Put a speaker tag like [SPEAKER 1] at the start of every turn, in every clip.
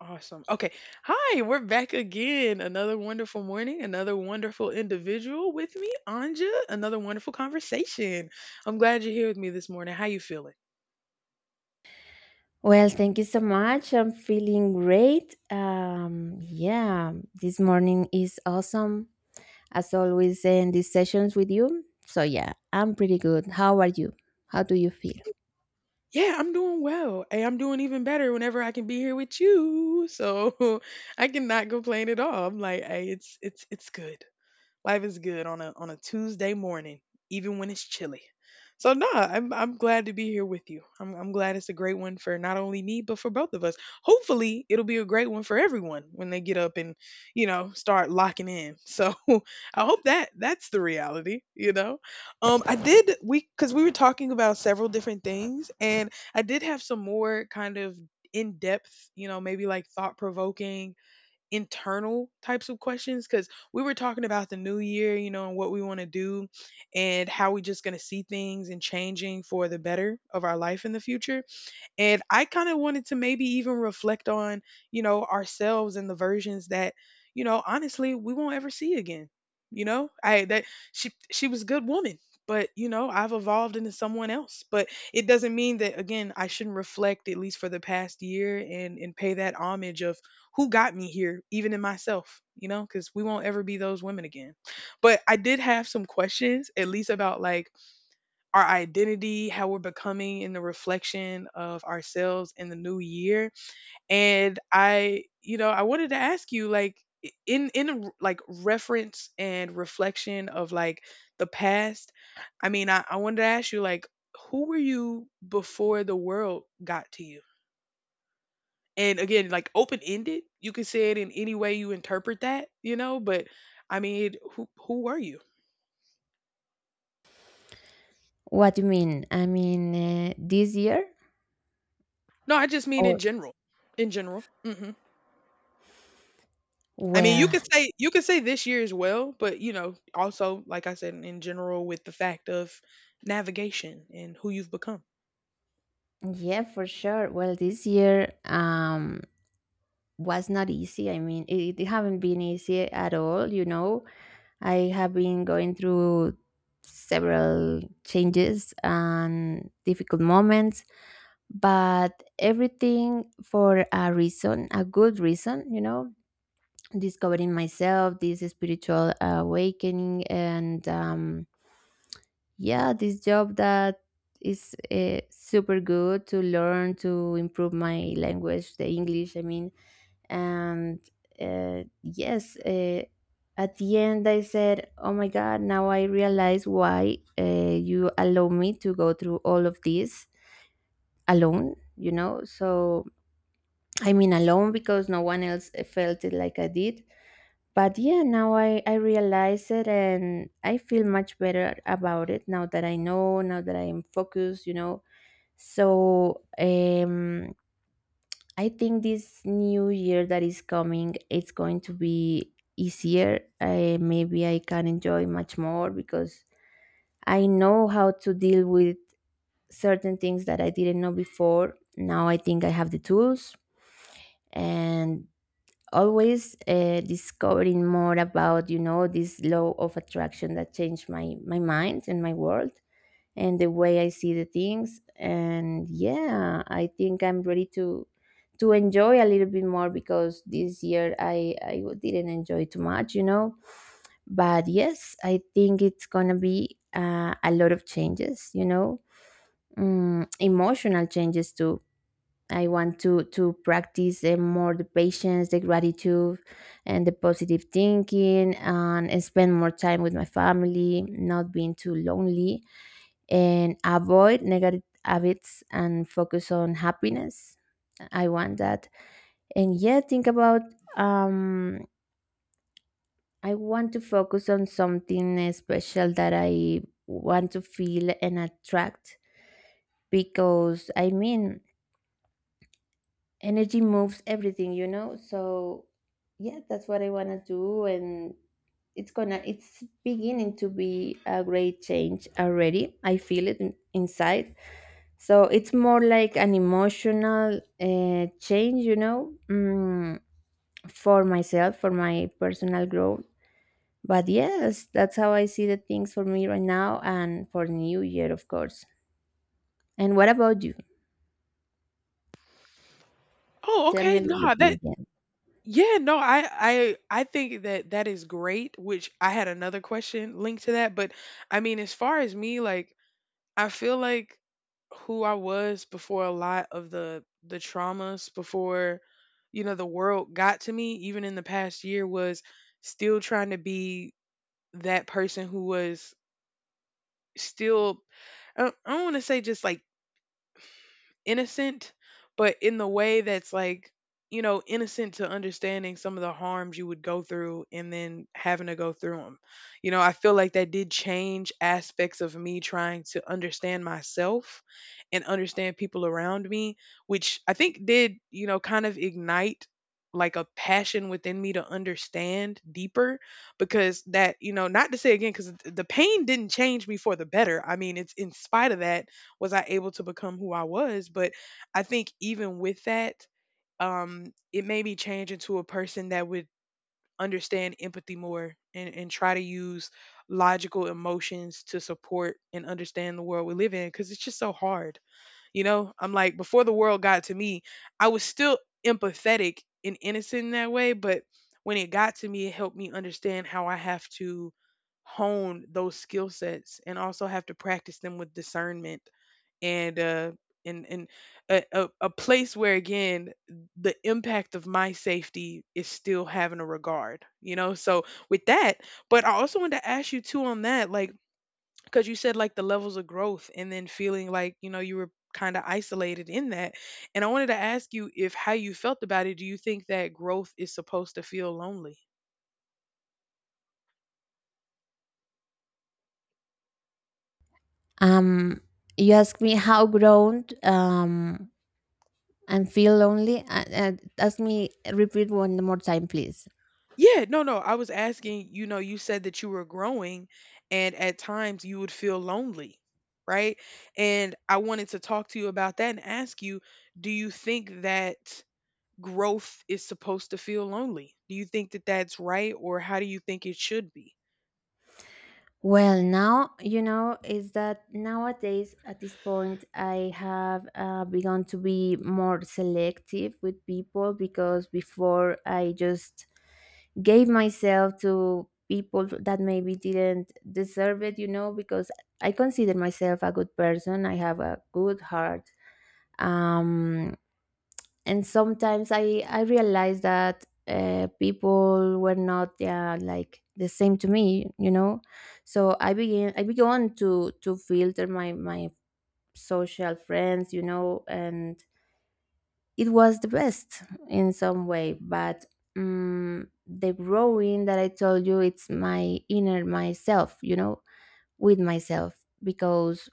[SPEAKER 1] Awesome. Okay. Hi, we're back again. Another wonderful morning, another wonderful individual with me, Anja, another wonderful conversation. I'm glad you're here with me this morning. How you feeling?
[SPEAKER 2] Well, thank you so much. I'm feeling great. Yeah, this morning is awesome as always in these sessions with you. So yeah, I'm pretty good. How are you? How do you feel?
[SPEAKER 1] Yeah, I'm doing well. Hey, I'm doing even better whenever I can be here with you. So I cannot complain at all. I'm like, hey, it's good. Life is good on a Tuesday morning, even when it's chilly. So no, I'm glad to be here with you. I'm glad it's a great one for not only me but for both of us. Hopefully, it'll be a great one for everyone when they get up and start locking in. So I hope that that's the reality. You know, I did we because we were talking about several different things, and I did have some more kind of in depth, you know, maybe like thought provoking internal types of questions because we were talking about the new year, you know, and what we want to do and how we just going to see things and changing for the better of our life in the future. And I kind of wanted to maybe even reflect on, you know, ourselves and the versions that, you know, honestly, we won't ever see again. You know, I that she was a good woman, but you know, I've evolved into someone else. But it doesn't mean that again, I shouldn't reflect at least for the past year and pay that homage of who got me here, even in myself, you know, because we won't ever be those women again. But I did have some questions, at least about like our identity, how we're becoming in the reflection of ourselves in the new year. And I, you know, I wanted to ask you like in like reference and reflection of like the past. I mean, I wanted to ask you like who were you before the world got to you? And again, like open ended, you can say it in any way you interpret that, you know, but I mean, who were you?
[SPEAKER 2] What do you mean? I mean, this year
[SPEAKER 1] No, I just mean in
[SPEAKER 2] or
[SPEAKER 1] general. In general. I mean,
[SPEAKER 2] well,
[SPEAKER 1] you could say this year as well, but you know, also like I said, in general, with the fact of navigation and who you've become.
[SPEAKER 2] yeah, for sure. Well, this year was not easy. I mean, it haven't been easy at all. You know, I have been going through several changes and difficult moments, but everything for a reason, a good reason. You know, discovering myself, this spiritual awakening, and yeah, this job that is super good to learn, to improve my language, the English, I mean. And yes, at the end I said, oh my God, now I realize why, you allow me to go through all of this alone, you know. So I mean alone because no one else felt it like I did. But yeah, now I realize it and I feel much better about it now that I know, now that I am focused, you know. So I think this new year that is coming, it's going to be easier. Maybe I can enjoy much more because I know how to deal with certain things that I didn't know before. Now I think I have the tools, and always, discovering more about, you know, this law of attraction that changed my mind and my world and the way I see the things. And yeah, I think I'm ready to enjoy a little bit more because this year I didn't enjoy too much, you know. But yes, I think it's gonna be a lot of changes, you know. Mm, emotional changes too. I want to practice, more the patience, the gratitude, and the positive thinking, and spend more time with my family, not being too lonely, and avoid negative habits and focus on happiness. I want that, and yeah, think about. Um, I want to focus on something, special, that I want to feel and attract. Because I mean, energy moves everything, you know. So yeah, that's what I want to do. And it's gonna, it's beginning to be a great change already. I feel it inside. So it's more like an emotional change, you know. Mm, for myself, for my personal growth. But yes, that's how I see the things for me right now, and for new year of course. And what about you?
[SPEAKER 1] Oh,
[SPEAKER 2] Tell me a
[SPEAKER 1] okay.
[SPEAKER 2] little
[SPEAKER 1] No, that
[SPEAKER 2] bit.
[SPEAKER 1] yeah, no, I think that that is great, which I had another question linked to that, but I mean, as far as me, like I feel like who I was before a lot of the traumas before you know the world got to me even in the past year was still trying to be that person who was still I don't want to say just like innocent, but in the way that's like, you know, innocent to understanding some of the harms you would go through and then having to go through them. You know, I feel like that did change aspects of me trying to understand myself and understand people around me, which I think did, you know, kind of ignite like a passion within me to understand deeper because that you know not to say again because the pain didn't change me for the better. I mean, it's in spite of that was I able to become who I was? But I think even with that, it made me change into a person that would understand empathy more and try to use logical emotions to support and understand the world we live in because it's just so hard. You know, I'm like, before the world got to me, I was still empathetic and innocent in that way. But when it got to me, it helped me understand how I have to hone those skill sets and also have to practice them with discernment and uh and a place where again the impact of my safety is still having a regard, you know. So with that, but I also wanted to ask you too on that, like because you said like the levels of growth and then feeling like, you know, you were kind of isolated in that, and I wanted to ask you if how you felt about it. Do you think that growth is supposed to feel lonely?
[SPEAKER 2] Um, you ask me how grown and feel lonely. And ask me repeat one more time, please.
[SPEAKER 1] Yeah, no, I was asking, you know, you said that you were growing and at times you would feel lonely, right? And I wanted to talk to you about that and ask you, do you think that growth is supposed to feel lonely? Do you think that that's right or how do you think it should be?
[SPEAKER 2] Well, now you know, is that nowadays at this point I have begun to be more selective with people, because before I just gave myself to people that maybe didn't deserve it, you know, because I consider myself a good person. I have a good heart. Um, and sometimes I realized that people were not like the same to me, you know. So I began to filter my social friends, you know, and it was the best in some way. But the growing that I told you, it's my inner myself, you know, with myself. Because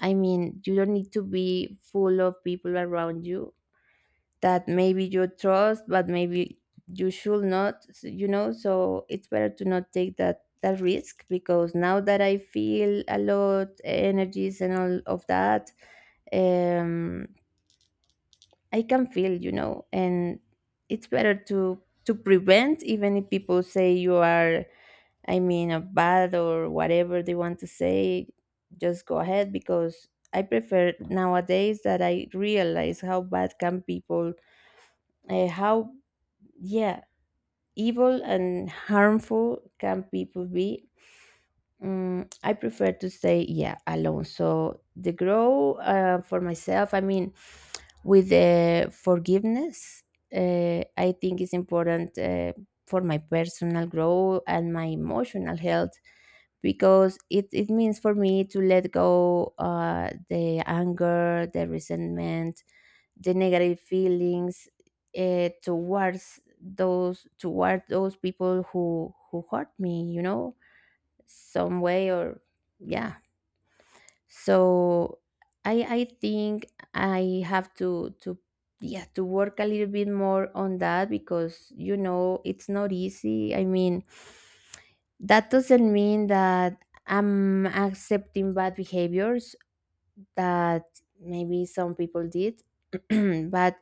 [SPEAKER 2] I mean, you don't need to be full of people around you that maybe you trust, but maybe you should not, you know. So it's better to not take that risk, because now that I feel a lot energies and all of that, um, I can feel, you know. And it's better to prevent, even if people say you are, I mean, a bad or whatever they want to say, just go ahead. Because I prefer nowadays that I realize how bad can people how, yeah, evil and harmful can people be. Mm, I prefer to stay, yeah, alone. So the grow, for myself, I mean, with the forgiveness, I think it's important for my personal growth and my emotional health, because it means for me to let go the anger, the resentment, the negative feelings towards those, toward those people who hurt me, you know, some way or yeah. So I think I have to, yeah, to work a little bit more on that, because you know, it's not easy. I mean, that doesn't mean that I'm accepting bad behaviors that maybe some people did. But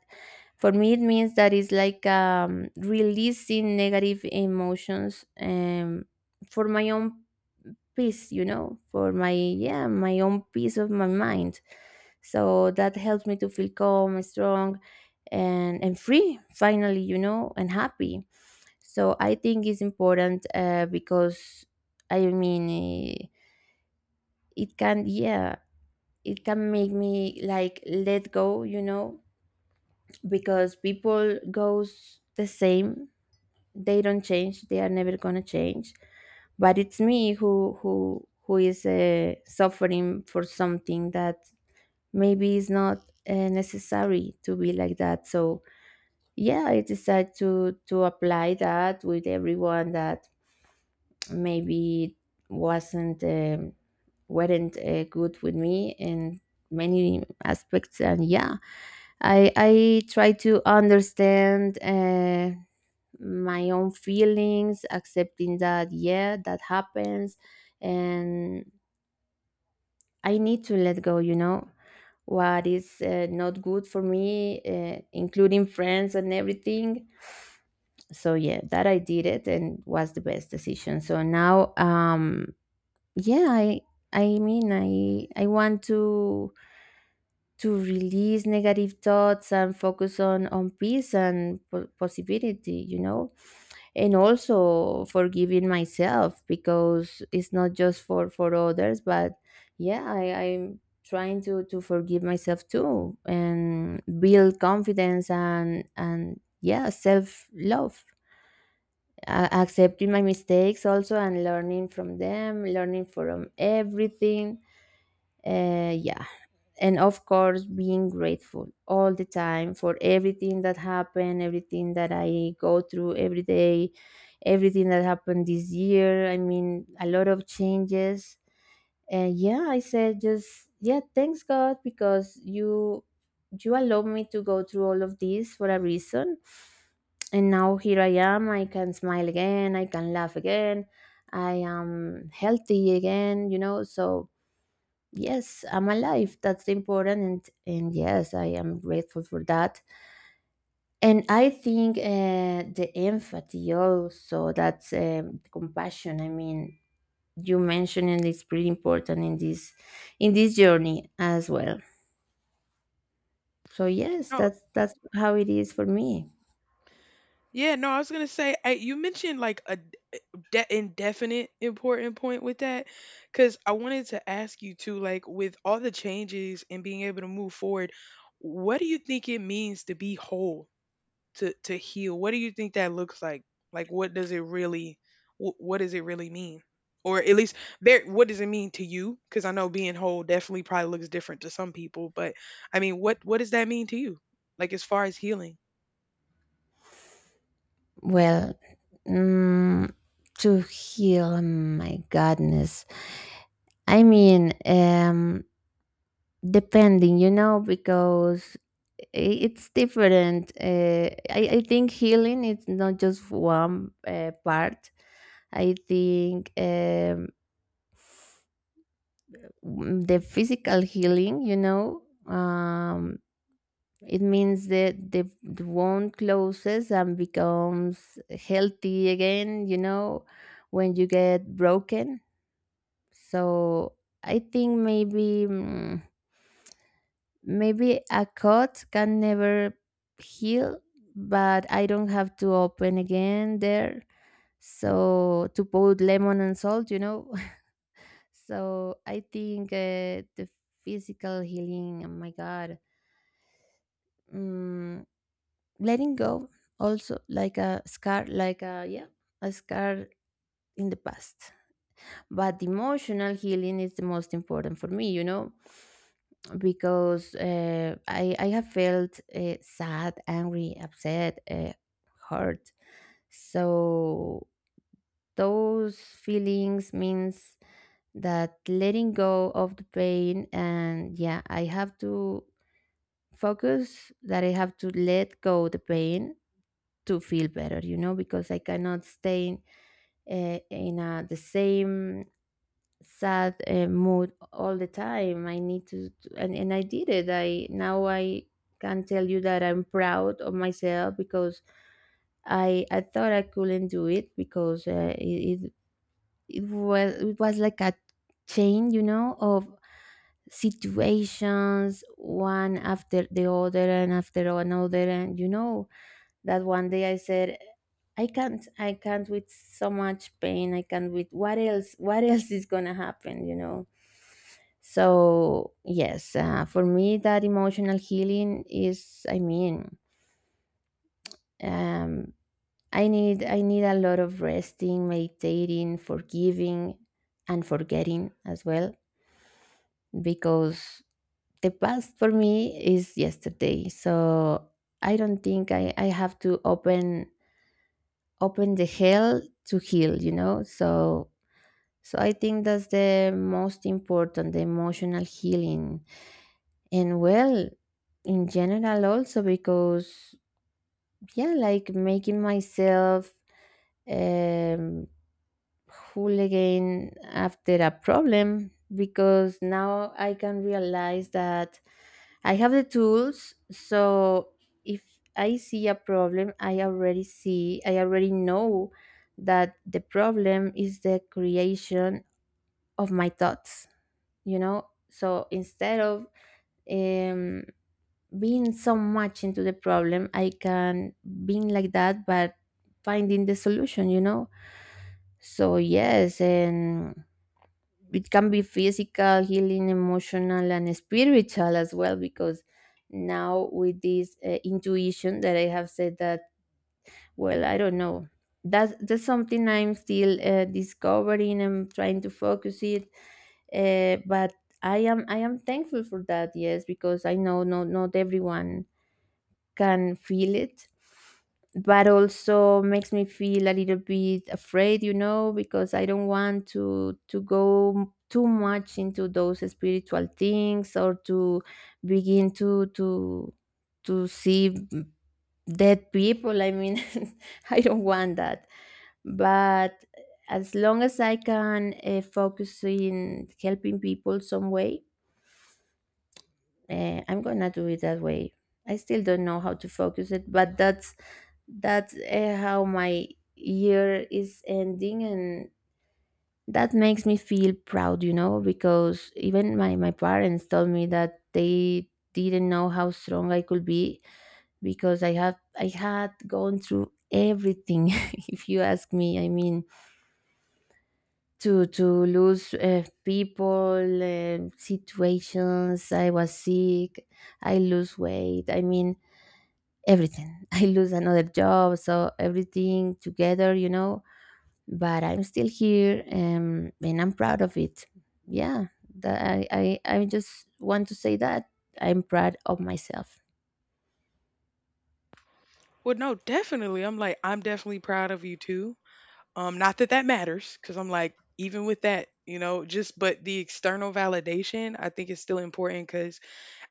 [SPEAKER 2] for me it means that it's like releasing negative emotions, for my own peace, you know, for my, yeah, my own peace of my mind. So that helps me to feel calm, strong, and free, finally, you know, and happy. So I think it's important, because I mean, eh, it can, yeah, it can make me, like, let go, you know. Because people goes the same, they don't change, they are never gonna change. But it's me who is suffering for something that maybe is not necessary to be like that. So yeah, I decided to apply that with everyone that maybe it wasn't, weren't good with me in many aspects. And yeah, I try to understand my own feelings, accepting that yeah, that happens. And I need to let go, you know, what is not good for me, including friends and everything. So yeah, that, I did it, and was the best decision. So now, yeah I mean, I want to release negative thoughts and focus on peace and possibility, you know. And also forgiving myself, because it's not just for others, but yeah, I I'm trying to forgive myself too, and build confidence and, yeah, self love, accepting my mistakes also, and learning from them, learning from everything, yeah. And of course, being grateful all the time for everything that happened, everything that I go through every day, everything that happened this year. I mean, a lot of changes. And yeah, I said just, yeah, thanks God, because you allowed me to go through all of this for a reason. And now here I am. I can smile again. I can laugh again. I am healthy again, you know. So yes, I'm alive, that's important. And yes, I am grateful for that. And I think, the empathy also, that's, compassion, I mean, you mentioned, and it's pretty important in this, in this journey as well. So yes,
[SPEAKER 1] No,
[SPEAKER 2] that's how it is for me.
[SPEAKER 1] Yeah, no, I was gonna say you mentioned like a indefinite important point with that, because I wanted to ask you too, like with all the changes and being able to move forward, what do you think it means to be whole, to heal? What do you think that looks like? Like, what does it really, what does it really mean? Or at least, what does it mean to you? Because I know being whole definitely probably looks different to some people, but I mean, what does that mean to you? Like as far as healing.
[SPEAKER 2] Well, mm, to heal, my goodness, I mean, depending, you know, because it's different. I think healing is not just one part. I think the physical healing, you know, it means that the wound closes and becomes healthy again, you know, when you get broken. So I think maybe, mm, maybe a cut can never heal, but I don't have to open again there. So to put lemon and salt, you know. So I think the physical healing, oh my God, mm, letting go, also like a scar, like a, yeah, a scar in the past. But emotional healing is the most important for me, you know. Because I have felt, sad, angry, upset, hurt. So those feelings means that letting go of the pain. And yeah, I have to focus that I have to let go the pain to feel better, you know. Because I cannot stay in a, the same sad mood all the time. I need to, and I did it. I, now I can tell you that I'm proud of myself, because I thought I couldn't do it. Because it was, it was like a chain, you know, of situations, one after the other and after another. And you know, that one day I said, I can't with so much pain. I can't with what else is going to happen, you know? So yes, for me, that emotional healing is, I mean, um, I need, I need a lot of resting, meditating, forgiving, and forgetting as well. Because the past for me is yesterday. So I don't think I have to open, open the hell to heal, you know. So so I think that's the most important, the emotional healing. And well, in general also, because, yeah, like, making myself, um pull again after a problem, because now I can realize that I have the tools. So if I see a problem, I already see, I already know that the problem is the creation of my thoughts, you know? So instead of um, being so much into the problem, I can being like that but finding the solution. So yes, and it can be physical healing, emotional, and spiritual as well, because now with this intuition that I have said that, well, I don't know. That's something I'm still discovering and trying to focus it, but I am thankful for that, yes, because I know, no, not everyone can feel it. But also makes me feel a little bit afraid, you know, because I don't want to go too much into those spiritual things, or to begin to see dead people, I mean, I don't want that. But as long as I can focus in helping people some way, I'm gonna do it that way. I still don't know how to focus it, but that's how my year is ending, and that makes me feel proud, you know, because even my parents told me that they didn't know how strong I could be, because I had gone through everything. If you ask me, I mean, to lose people, situations. I was sick, I lose weight, I mean, everything. I lose another job, so everything together, you know. But I'm still here, and I'm proud of it. Yeah, that I just want to say that I'm proud of myself.
[SPEAKER 1] Well, no, definitely. I'm like, I'm definitely proud of you too. Not that that matters, because I'm like, even with that, you know, just but the external validation, I think is still important. Because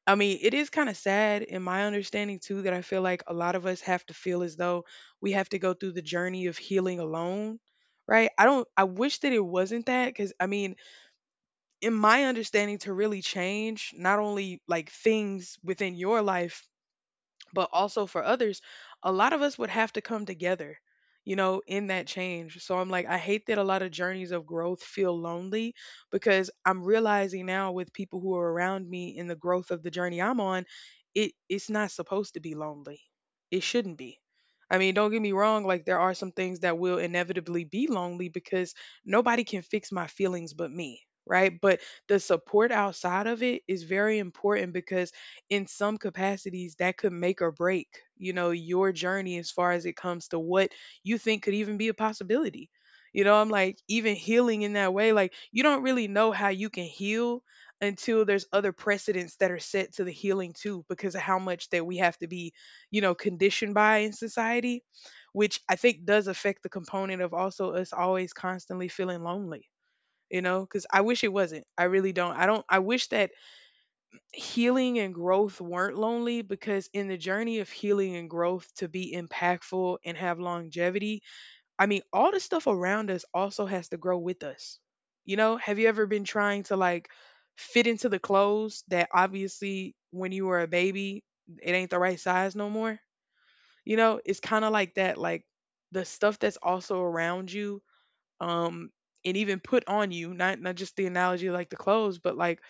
[SPEAKER 1] I mean, it is kind of sad in my understanding too that I feel like a lot of us have to feel as though we have to go through the journey of healing alone, right? I don't. I wish that it wasn't that, because I mean, in my understanding, to really change not only like things within your life but also for others, a lot of us would have to come together, you know, in that change. So I'm like, I hate that a lot of journeys of growth feel lonely because I'm realizing now with people who are around me in the growth of the journey I'm on, it's not supposed to be lonely. It shouldn't be. I mean, don't get me wrong, like there are some things that will inevitably be lonely because nobody can fix my feelings but me, right? But the support outside of it is very important because in some capacities that could make or break, you know, your journey as far as it comes to what you think could even be a possibility. You know, I'm like, even healing in that way, like you don't really know how you can heal until there's other precedents that are set to the healing too because of how much that we have to be, you know, conditioned by in society, which I think does affect the component of also us always constantly feeling lonely, you know. Because I wish it wasn't. I really don't. I wish that healing and growth weren't lonely, because in the journey of healing and growth to be impactful and have longevity, I mean, all the stuff around us also has to grow with us. You know, have you ever been trying to like fit into the clothes that obviously when you were a baby, it ain't the right size no more? You know, it's kind of like that, like the stuff that's also around you, um, and even put on you, not just the analogy like the clothes, but like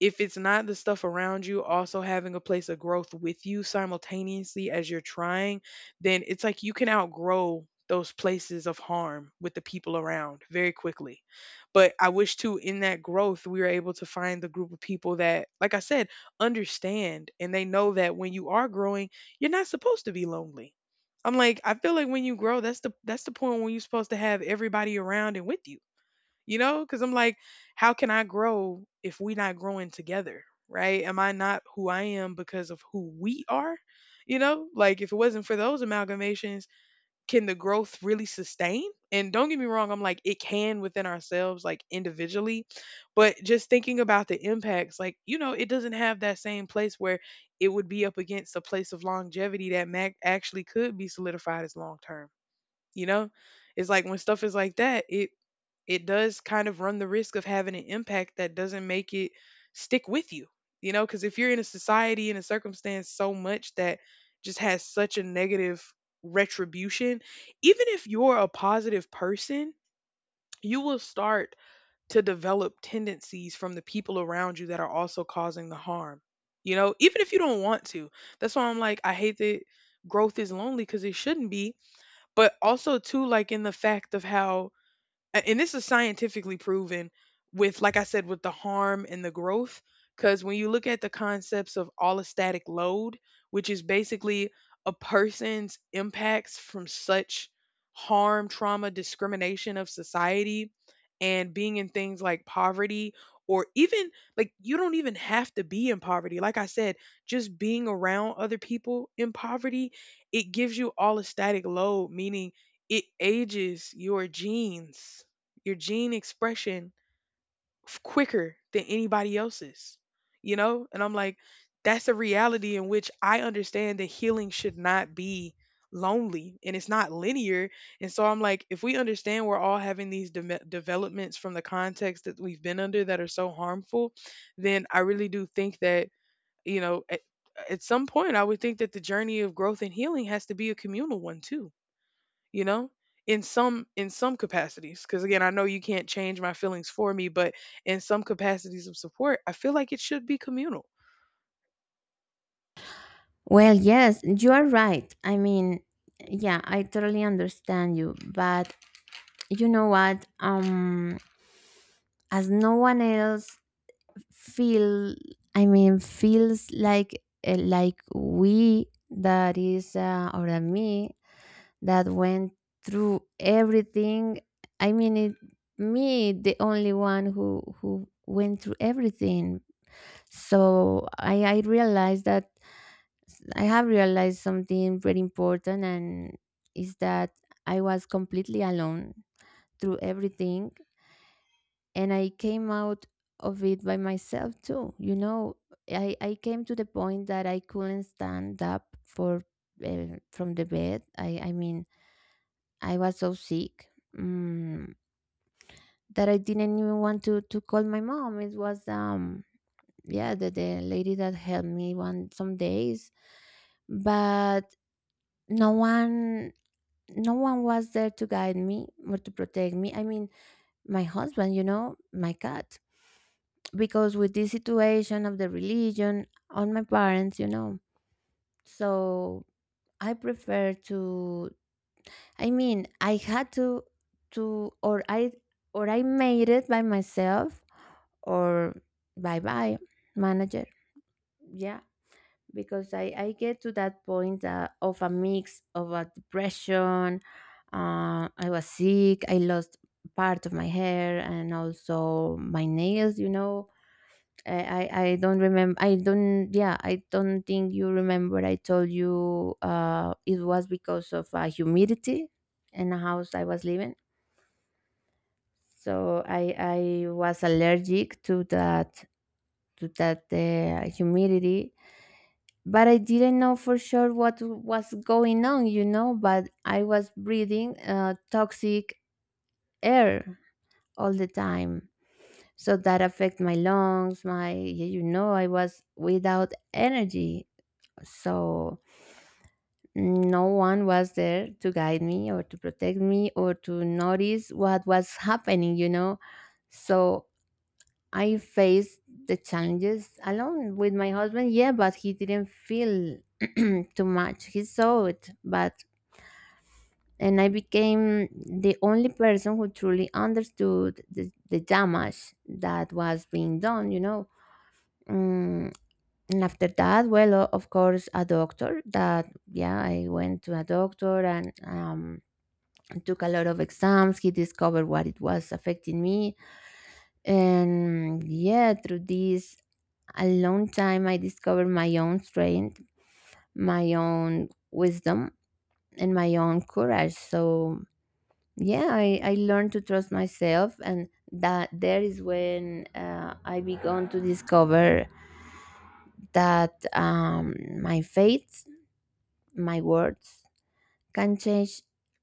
[SPEAKER 1] if it's not the stuff around you also having a place of growth with you simultaneously as you're trying, then it's like you can outgrow those places of harm with the people around very quickly. But I wish too, in that growth, we were able to find the group of people that, like I said, understand and they know that when you are growing, you're not supposed to be lonely. I'm like, I feel like when you grow, that's the point when you're supposed to have everybody around and with you, you know. Because I'm like, how can I grow if we not growing together, right? Am I not who I am because of who we are? You know, like if it wasn't for those amalgamations, can the growth really sustain? And don't get me wrong, I'm like it can within ourselves, like individually, but just thinking about the impacts, like you know it doesn't have that same place where it would be up against a place of longevity that actually could be solidified as long term, you know. It's like when stuff is like that, it does kind of run the risk of having an impact that doesn't make it stick with you. You know, because if you're in a society and a circumstance so much that just has such a negative retribution, even if you're a positive person, you will start to develop tendencies from the people around you that are also causing the harm. You know, even if you don't want to. That's why I'm like, I hate that growth is lonely because it shouldn't be. But also, too, like in the fact of how and this is scientifically proven with, like I said, with the harm and the growth, because when you look at the concepts of allostatic load, which is basically a person's impacts from such harm, trauma, discrimination of society, and being in things like poverty or even, like you don't even have to be in poverty, like I said, just being around other people in poverty, it gives you allostatic load, meaning it ages your genes, your gene expression quicker than anybody else's, you know? And I'm like, that's a reality in which I understand that healing should not be lonely and it's not linear. And so I'm like, if we understand we're all having these developments from the context that we've been under that are so harmful, then I really do think that, you know, at some point, I would think that the journey of growth and healing has to be a communal one too, you know, in some capacities, because again I know you can't change my feelings for me, but in some capacities of support I feel like it should be communal.
[SPEAKER 2] Well, yes, you are right. I mean, yeah, I totally understand you. But you know what? As no one else feel, I mean, feels like we that is or that me that went through everything. I mean, it, me, the only one who went through everything. So I realized that I have realized something very important, and is that I was completely alone through everything, and I came out of it by myself too. You know, I came to the point that I couldn't stand up for. From the bed, I mean, I was so sick, mm, that I didn't even want to call my mom. It was yeah, the lady that helped me one some days, but no one, no one was there to guide me or to protect me. I mean, my husband, you know, my cat, because with this situation of the religion on my parents, you know. So I prefer to, I mean, I had to or I made it by myself, or bye bye manager. Yeah, because I get to that point of a mix of a depression. I was sick. I lost part of my hair and also my nails. You know. I don't remember. I don't. Yeah, I don't think you remember. I told you it was because of humidity in the house I was living. So I was allergic to that, to that humidity, but I didn't know for sure what was going on, you know. But I was breathing toxic air all the time, so that affect my lungs. My, you know, I was without energy, so no one was there to guide me or to protect me or to notice what was happening, you know. So I faced the challenges alone with my husband, yeah, but he didn't feel too much. He saw it, but, and I became the only person who truly understood the damage that was being done, you know. Mm, and after that, well, of course, a doctor that, yeah, I went to a doctor and took a lot of exams. He discovered what it was affecting me. And yeah, through this a long time, I discovered my own strength, my own wisdom, and my own courage. So yeah, I learned to trust myself, and that there is when I began to discover that my faith, my words can change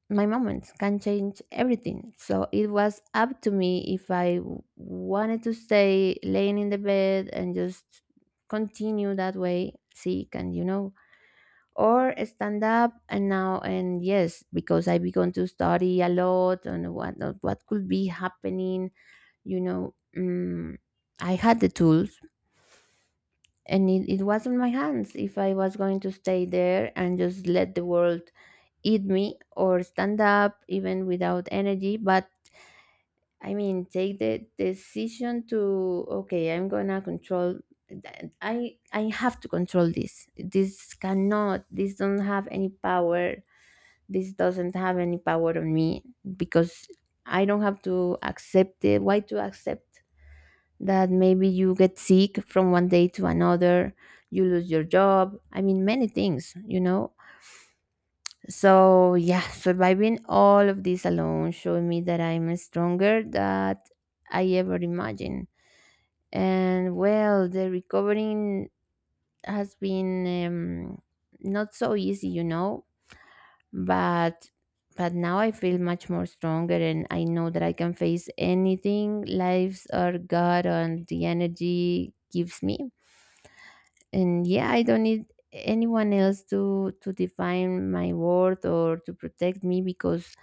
[SPEAKER 2] my moments, can change everything. So it was up to me if I wanted to stay laying in the bed and just continue that way, sick, and you know, or stand up and now. And yes, because I began to study a lot on what could be happening, you know. I had the tools, and it was in my hands if I was going to stay there and just let the world eat me, or stand up, even without energy. But I mean, take the decision to, okay, I'm gonna control, I have to control this. This cannot, this don't have any power, this doesn't have any power on me. Because I don't have to accept it. Why to accept that maybe you get sick from one day to another, you lose your job? I mean, many things, you know? So yeah, surviving all of this alone showed me that I'm stronger than I ever imagined. And well, the recovering has been, not so easy, you know? but but now I feel much more stronger, and I know that I can face anything lives are god and the energy gives me. And yeah, I don't need anyone else to define my worth or to protect me, because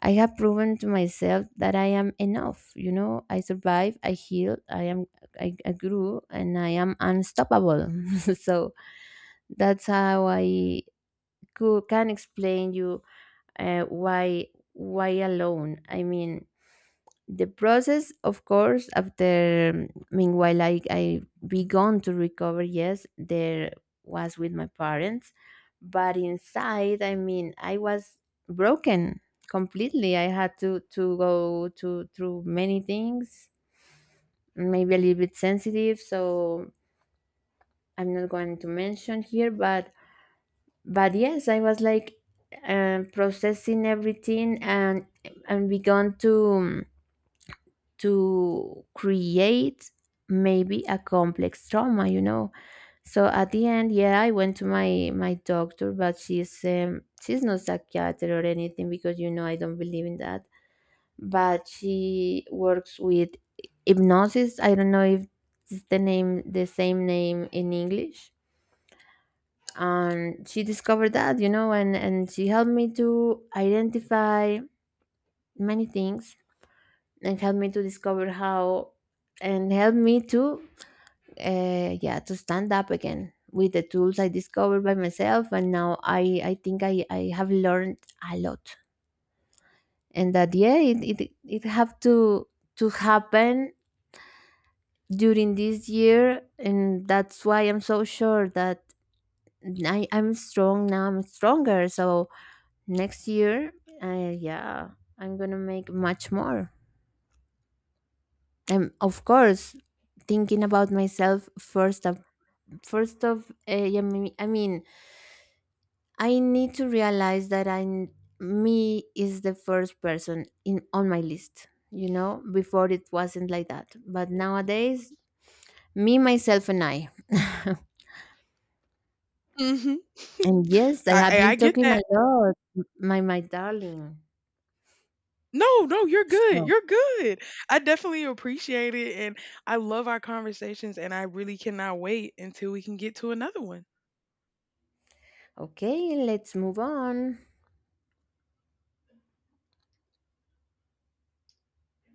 [SPEAKER 2] I have proven to myself that I am enough. You know, I survive, I heal, I am, I grew, and I am unstoppable. So that's how I can explain you uh, why why alone. I mean, the process, of course, after, meanwhile, I began to recover. Yes, there was with my parents, but inside, I mean, I was broken completely. I had to go to through many things, maybe a little bit sensitive, so I'm not going to mention here. But yes, I was like, processing everything, and began to create maybe a complex trauma, you know. So at the end, yeah, I went to my doctor, but she's, she's not psychiatrist or anything, because you know, I don't believe in that. But she works with hypnosis, I don't know if it's the name, the same name in English. And she discovered that, you know, and she helped me to identify many things, and helped me to discover how, and helped me to, yeah, to stand up again with the tools I discovered by myself. And now I think I have learned a lot, and that, yeah, it it have to happen during this year, and that's why I'm so sure that I'm strong now, I'm stronger. So next year, yeah, I'm gonna make much more. And of course, thinking about myself first of, I mean, I need to realize that I'm, me is the first person in on my list, you know. Before it wasn't like that, but nowadays, me, myself, and I.
[SPEAKER 1] Hmm.
[SPEAKER 2] And yes, I have been
[SPEAKER 1] I get
[SPEAKER 2] talking a
[SPEAKER 1] that.
[SPEAKER 2] lot, my darling.
[SPEAKER 1] No, no, you're good.
[SPEAKER 2] So
[SPEAKER 1] You're good. I definitely appreciate it. And I love our conversations. And I really cannot wait until we can get to another one.
[SPEAKER 2] okay, let's move on.